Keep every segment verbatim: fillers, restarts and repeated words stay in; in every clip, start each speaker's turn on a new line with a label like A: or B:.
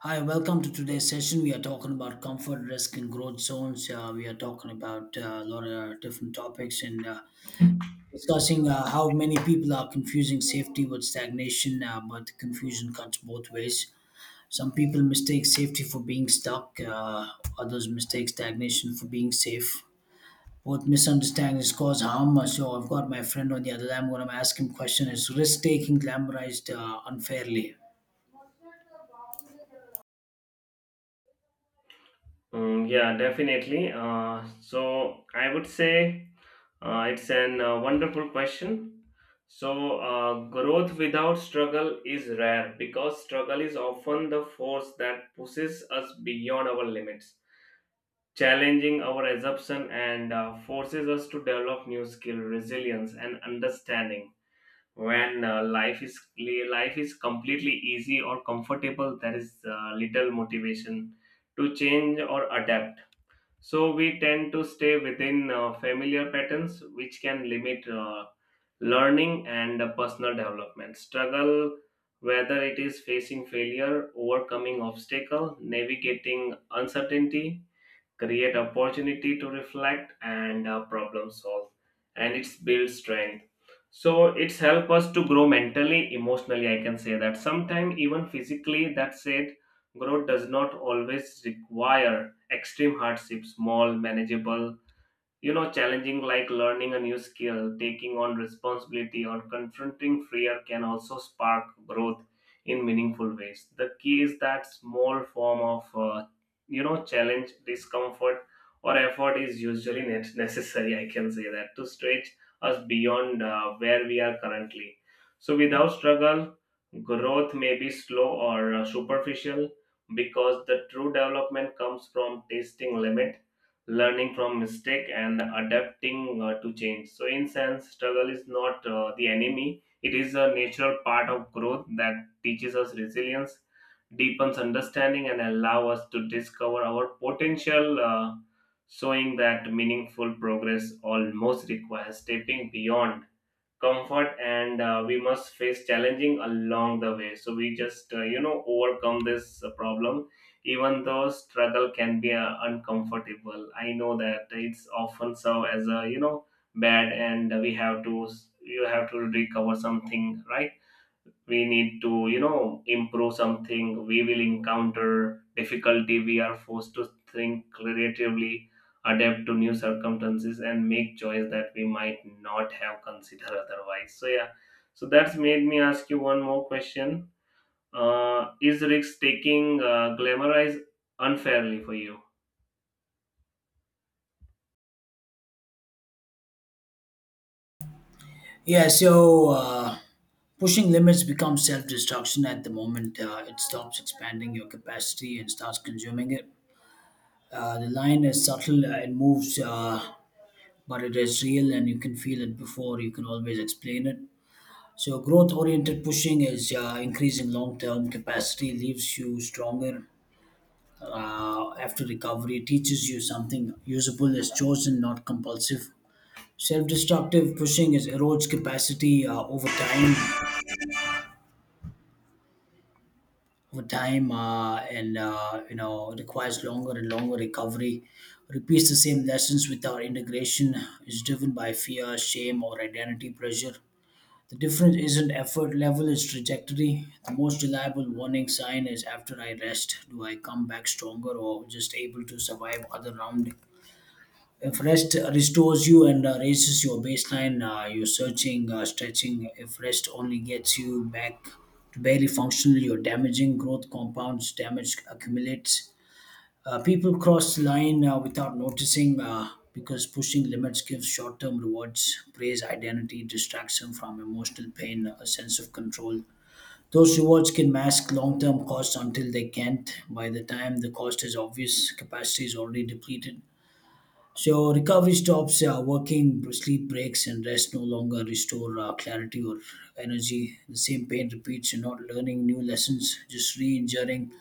A: Hi, welcome to today's session. We are talking about comfort, risk, and growth zones. Uh, we are talking about uh, a lot of different topics and uh, discussing uh, how many people are confusing safety with stagnation, uh, but confusion cuts both ways. Some people mistake safety for being stuck, uh, others mistake stagnation for being safe. Both misunderstandings cause harm. Uh, So I've got my friend on the other line. What I'm asking question is risk taking glamorized uh, unfairly.
B: Mm, yeah, definitely. Uh, so I would say uh, it's an uh, wonderful question. So uh, growth without struggle is rare because struggle is often the force that pushes us beyond our limits, challenging our assumption and uh, forces us to develop new skill, resilience, and understanding. When uh, life is life is completely easy or comfortable, there is uh, little motivation to change or adapt, so we tend to stay within uh, familiar patterns, which can limit uh, learning and uh, personal development. Struggle, whether it is facing failure, overcoming obstacle, navigating uncertainty, create opportunity to reflect and uh, problem solve, and it's build strength, so it's help us to grow mentally, emotionally. I can say that sometimes even physically. That said, growth does not always require extreme hardship. Small, manageable, you know challenging like learning a new skill, taking on responsibility, or confronting fear can also spark growth in meaningful ways. The key is that small form of uh, you know challenge, discomfort, or effort is usually ne- necessary, I can say that, to stretch us beyond uh, where we are currently. So without struggle, growth may be slow or uh, superficial, because the true development comes from testing limit, learning from mistake, and adapting uh, to change. So in sense, struggle is not uh, the enemy; it is a natural part of growth that teaches us resilience, deepens understanding, and allow us to discover our potential, uh, showing that meaningful progress almost requires stepping beyond comfort, and uh, we must face challenging along the way. So we just uh, you know overcome this uh, problem. Even though struggle can be uh, uncomfortable, I know that it's often so as a, you know bad, and we have to, you have to recover something, right? We need to, you know improve something. We will encounter difficulty, we are forced to think creatively, adapt to new circumstances, and make choice that we might not have considered otherwise. So yeah, so that's made me ask you one more question. Uh, is risk taking uh, glamorized unfairly for you?
A: Yeah, so uh, pushing limits becomes self destruction at the moment. Uh, it stops expanding your capacity and starts consuming it. Uh, the line is subtle, uh, it moves, uh, but it is real and you can feel it before you can always explain it. So, growth oriented pushing is uh, increasing long term capacity, leaves you stronger. Uh, after recovery, teaches you something usable is chosen, not compulsive. Self destructive pushing is erodes capacity uh, over time over time uh, and uh, you know requires longer and longer recovery, repeats the same lessons without integration, is driven by fear, shame, or identity pressure. The difference isn't effort level, it's trajectory. The most reliable warning sign is, after I rest, do I come back stronger or just able to survive other round? If rest restores you and uh, raises your baseline, uh, you're searching, uh, stretching. If rest only gets you back to barely functional, you're damaging. Growth compounds, damage accumulates. Uh, people cross the line uh, without noticing uh, because pushing limits gives short term rewards, praise, identity, distraction from emotional pain, a sense of control. Those rewards can mask long term costs until they can't. By the time the cost is obvious, capacity is already depleted, so recovery stops, uh, working, sleep breaks, and rest no longer restore uh, clarity or energy. The same pain repeats. You're not learning new lessons, just re-injuring the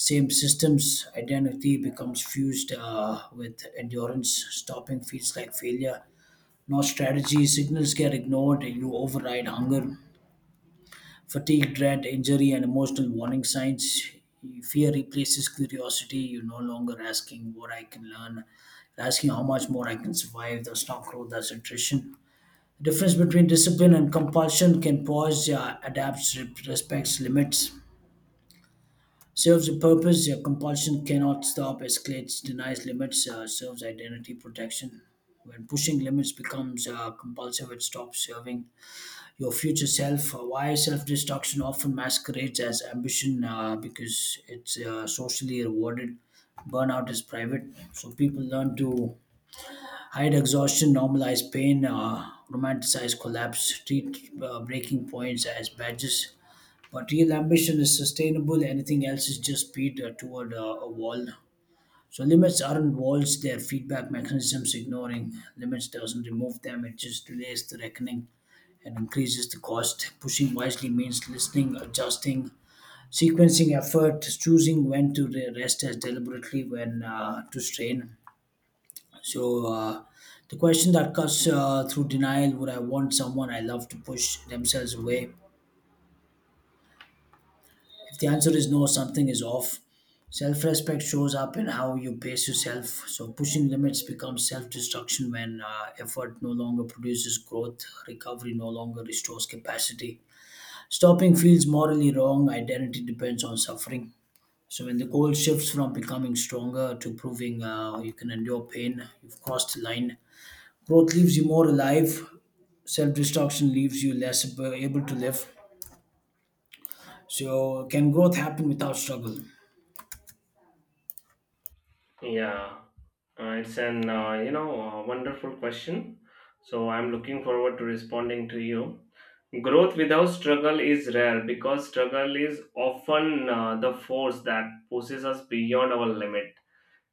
A: same systems. Identity becomes fused uh, with endurance. Stopping feels like failure. No strategy. Signals get ignored. You override hunger, fatigue, dread, injury, and emotional warning signs. Fear replaces curiosity. You're no longer asking what I can learn, you're asking how much more I can survive. That's not growth, that's attrition. The difference between discipline and compulsion can pause, uh, adapts, re- respects limits, serves a purpose. Your compulsion cannot stop, escalates, denies limits, uh, serves identity protection. When pushing limits becomes uh, compulsive, it stops serving your future self. Uh, Why self destruction often masquerades as ambition uh, because it's uh, socially rewarded. Burnout is private, so people learn to hide exhaustion, normalize pain, uh, romanticize collapse, treat uh, breaking points as badges. But real ambition is sustainable, anything else is just speed uh, toward uh, a wall. So limits aren't walls, they're feedback mechanisms. Ignoring limits doesn't remove them, it just delays the reckoning and increases the cost. Pushing wisely means listening, adjusting, sequencing effort, choosing when to re- rest as deliberately when uh, to strain. So, uh, the question that cuts uh, through denial, would I want someone I love to push themselves away? If the answer is no, something is off. Self respect shows up in how you pace yourself. So, pushing limits becomes self destruction when uh, effort no longer produces growth, recovery no longer restores capacity. Stopping feels morally wrong. Identity depends on suffering. So when the goal shifts from becoming stronger to proving uh, you can endure pain, you've crossed the line. Growth leaves you more alive. Self-destruction leaves you less ab- able to live. So can growth happen without struggle?
B: Yeah, uh, it's an uh, you know uh, wonderful question. So I'm looking forward to responding to you. Growth without struggle is rare because struggle is often uh, the force that pushes us beyond our limit,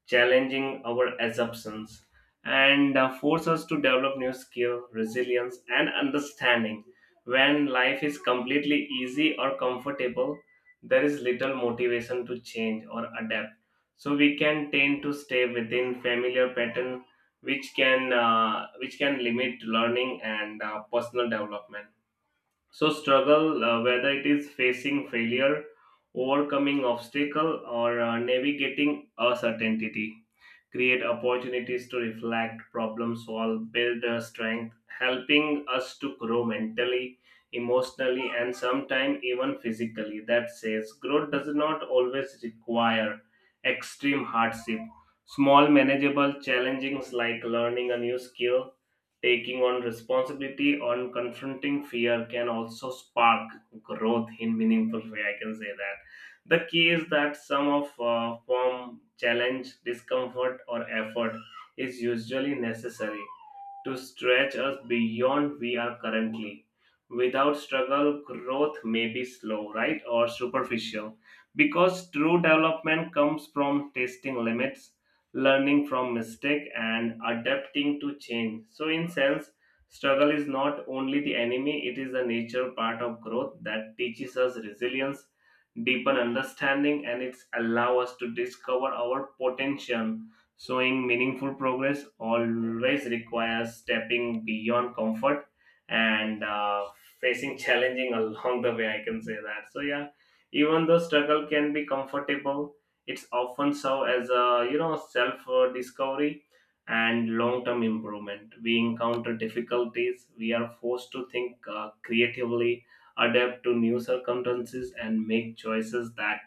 B: challenging our assumptions, and uh, force us to develop new skill, resilience, and understanding. When life is completely easy or comfortable, there is little motivation to change or adapt. So we can tend to stay within familiar pattern, which can uh, which can limit learning and uh, personal development. So, struggle, uh, whether it is facing failure, overcoming obstacle, or uh, navigating uncertainty, create opportunities to reflect, problem solve, build uh, strength, helping us to grow mentally, emotionally, and sometimes even physically. That says growth does not always require extreme hardship. Small, manageable challenges like learning a new skill, taking on responsibility, or confronting fear can also spark growth in meaningful way. I can say that the key is that some of uh, form, challenge, discomfort, or effort is usually necessary to stretch us beyond we are currently. Without struggle, growth may be slow, right, or superficial, because true development comes from testing limits, learning from mistake, and adapting to change. So, in sense, struggle is not only the enemy; it is the nature part of growth that teaches us resilience, deeper understanding, and it's allow us to discover our potential. Showing meaningful progress always requires stepping beyond comfort and uh, facing challenging along the way. I can say that. So yeah, even though struggle can be comfortable, it's often so as a, you know self uh, discovery and long term improvement. We encounter difficulties, we are forced to think uh, creatively, adapt to new circumstances, and make choices that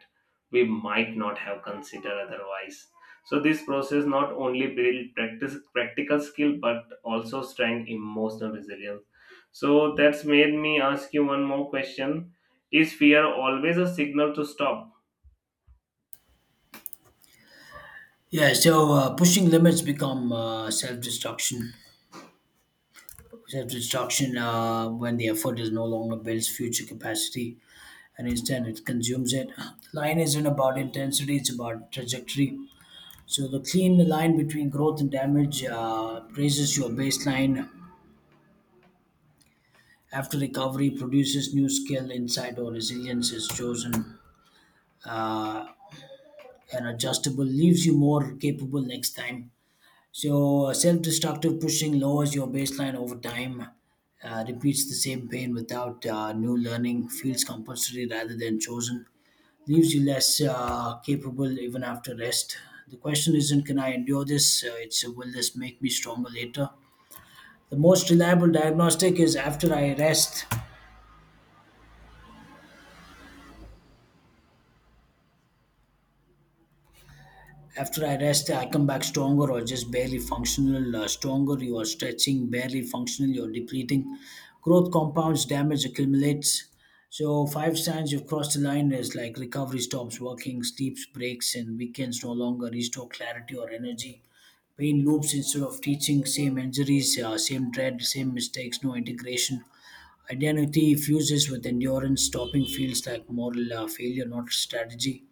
B: we might not have considered otherwise. So, this process not only build practice, practical skill but also strength emotional resilience. So, that's made me ask you one more question. Is fear always a signal to stop?
A: Yeah. So uh, pushing limits become uh, self-destruction. Self-destruction uh, when the effort is no longer builds future capacity, and instead it consumes it. The line isn't about intensity; it's about trajectory. So the clean line between growth and damage uh, raises your baseline. After recovery produces new skill, insight, or resilience is chosen uh, and adjustable, leaves you more capable next time. So uh, self-destructive pushing lowers your baseline over time. Uh, repeats the same pain without uh, new learning, feels compulsory rather than chosen, leaves you less uh, capable even after rest. The question isn't, can I endure this? Uh, it's, uh, will this make me stronger later? The most reliable diagnostic is after I rest. After I rest, I come back stronger or just barely functional. Uh, stronger, you are stretching, barely functional, you're depleting. Growth compounds, damage accumulates. So, five signs you've crossed the line is like recovery stops working, sleeps breaks, and weekends no longer restore clarity or energy. Pain loops instead of teaching, same injuries, uh, same dread, same mistakes, no integration. Identity fuses with endurance. Stopping feels like moral uh, failure, not strategy.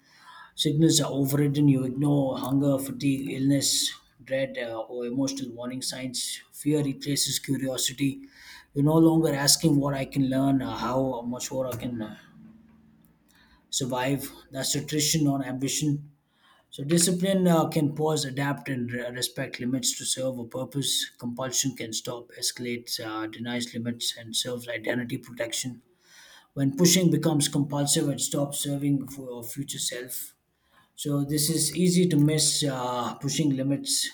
A: Signals are overridden. You ignore hunger, fatigue, illness, dread, uh, or emotional warning signs. Fear replaces curiosity. You're no longer asking what I can learn, uh, how much more I can uh, survive. That's attrition, not ambition. So, discipline uh, can pause, adapt, and re- respect limits to serve a purpose. Compulsion can stop, escalate, uh, denies limits, and serves identity protection. When pushing becomes compulsive, it stops serving for your future self. So, this is easy to miss. Uh, pushing limits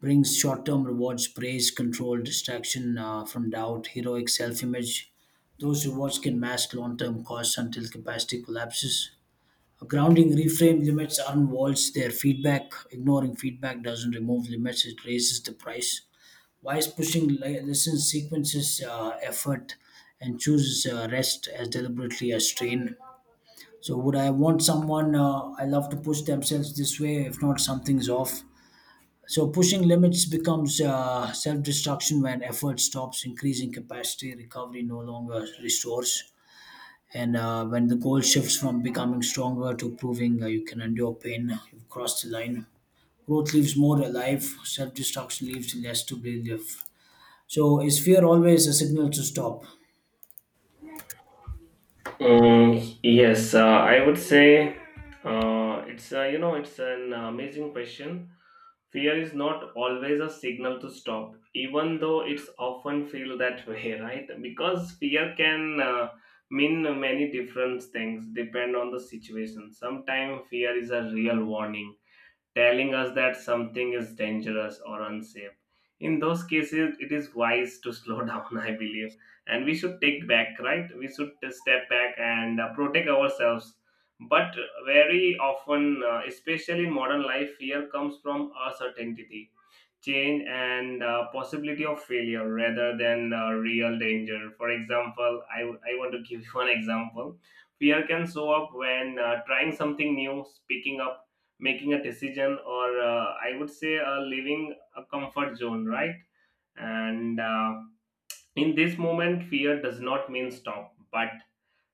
A: brings short term rewards, praise, control, distraction uh, from doubt, heroic self image. Those rewards can mask long term costs until capacity collapses. A grounding reframe, limits aren't walls, they're feedback. Ignoring feedback doesn't remove limits, it raises the price. Wise pushing li- listens, sequences uh, effort, and chooses uh, rest as deliberately as strain. So would I want someone uh, I love to push themselves this way? If not, something's off. So pushing limits becomes uh, self-destruction when effort stops increasing capacity. Recovery no longer restores, and uh, when the goal shifts from becoming stronger to proving uh, you can endure pain, you've crossed the line. Growth leaves more alive. Self-destruction leaves less to believe. So is fear always a signal to stop?
B: Mm, yes, uh, I would say uh, it's uh, you know it's an amazing question. Fear is not always a signal to stop, even though it's often feel that way, right? Because fear can uh, mean many different things depend on the situation. Sometimes fear is a real warning telling us that something is dangerous or unsafe. In those cases, it is wise to slow down, I believe. And we should take back, right? We should step back and uh, protect ourselves. But very often, uh, especially in modern life, fear comes from uncertainty, change, and uh, possibility of failure rather than uh, real danger. For example, I, w- I want to give you one example. Fear can show up when uh, trying something new, speaking up, making a decision, or uh, I would say uh, leaving a comfort zone, right? And uh, in this moment, fear does not mean stop but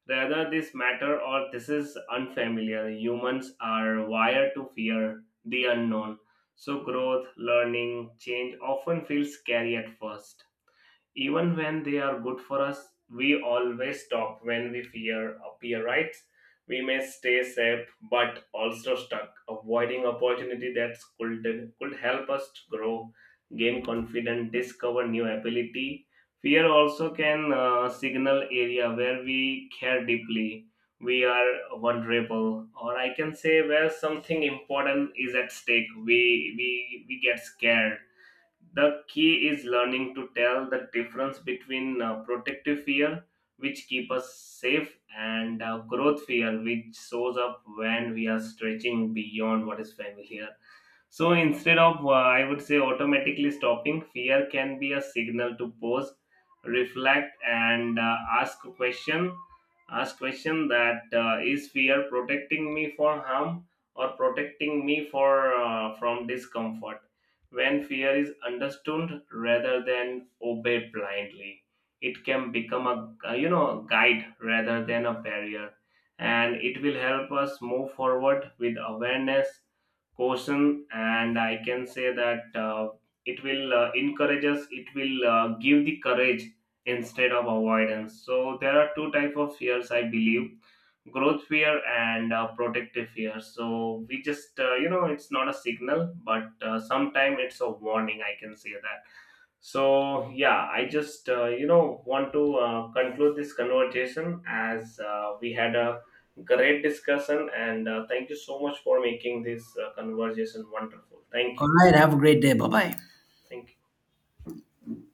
B: rather this matter, or this is unfamiliar. Humans are wired to fear the unknown, so growth, learning, change often feels scary at first, even when they are good for us. We always stop when we fear appear, right? We may stay safe but also stuck, avoiding opportunity that could could help us to grow, gain confidence, discover new ability. Fear also can uh, signal area where we care deeply, we are vulnerable, or I can say where something important is at stake. We we we get scared. The key is learning to tell the difference between uh, protective fear, which keep us safe, and uh, growth fear, which shows up when we are stretching beyond what is familiar. So instead of, uh, I would say, automatically stopping, fear can be a signal to pause, reflect, and uh, ask a question. Ask question that uh, is fear protecting me for harm or protecting me for uh, from discomfort. When fear is understood rather than obeyed blindly, it can become a uh, you know guide rather than a barrier, and it will help us move forward with awareness, caution, and I can say that uh, it will uh, encourage us. It will uh, give the courage instead of avoidance. So there are two type of fears, I believe, growth fear and uh, protective fear. So we just uh, you know it's not a signal, but uh, sometimes it's a warning, I can say that. So yeah, I just uh, you know want to uh, conclude this conversation as uh, we had a great discussion, and uh, thank you so much for making this uh, conversation wonderful. Thank
A: All
B: you.
A: right. Have a great day. Bye bye.
B: Thank you.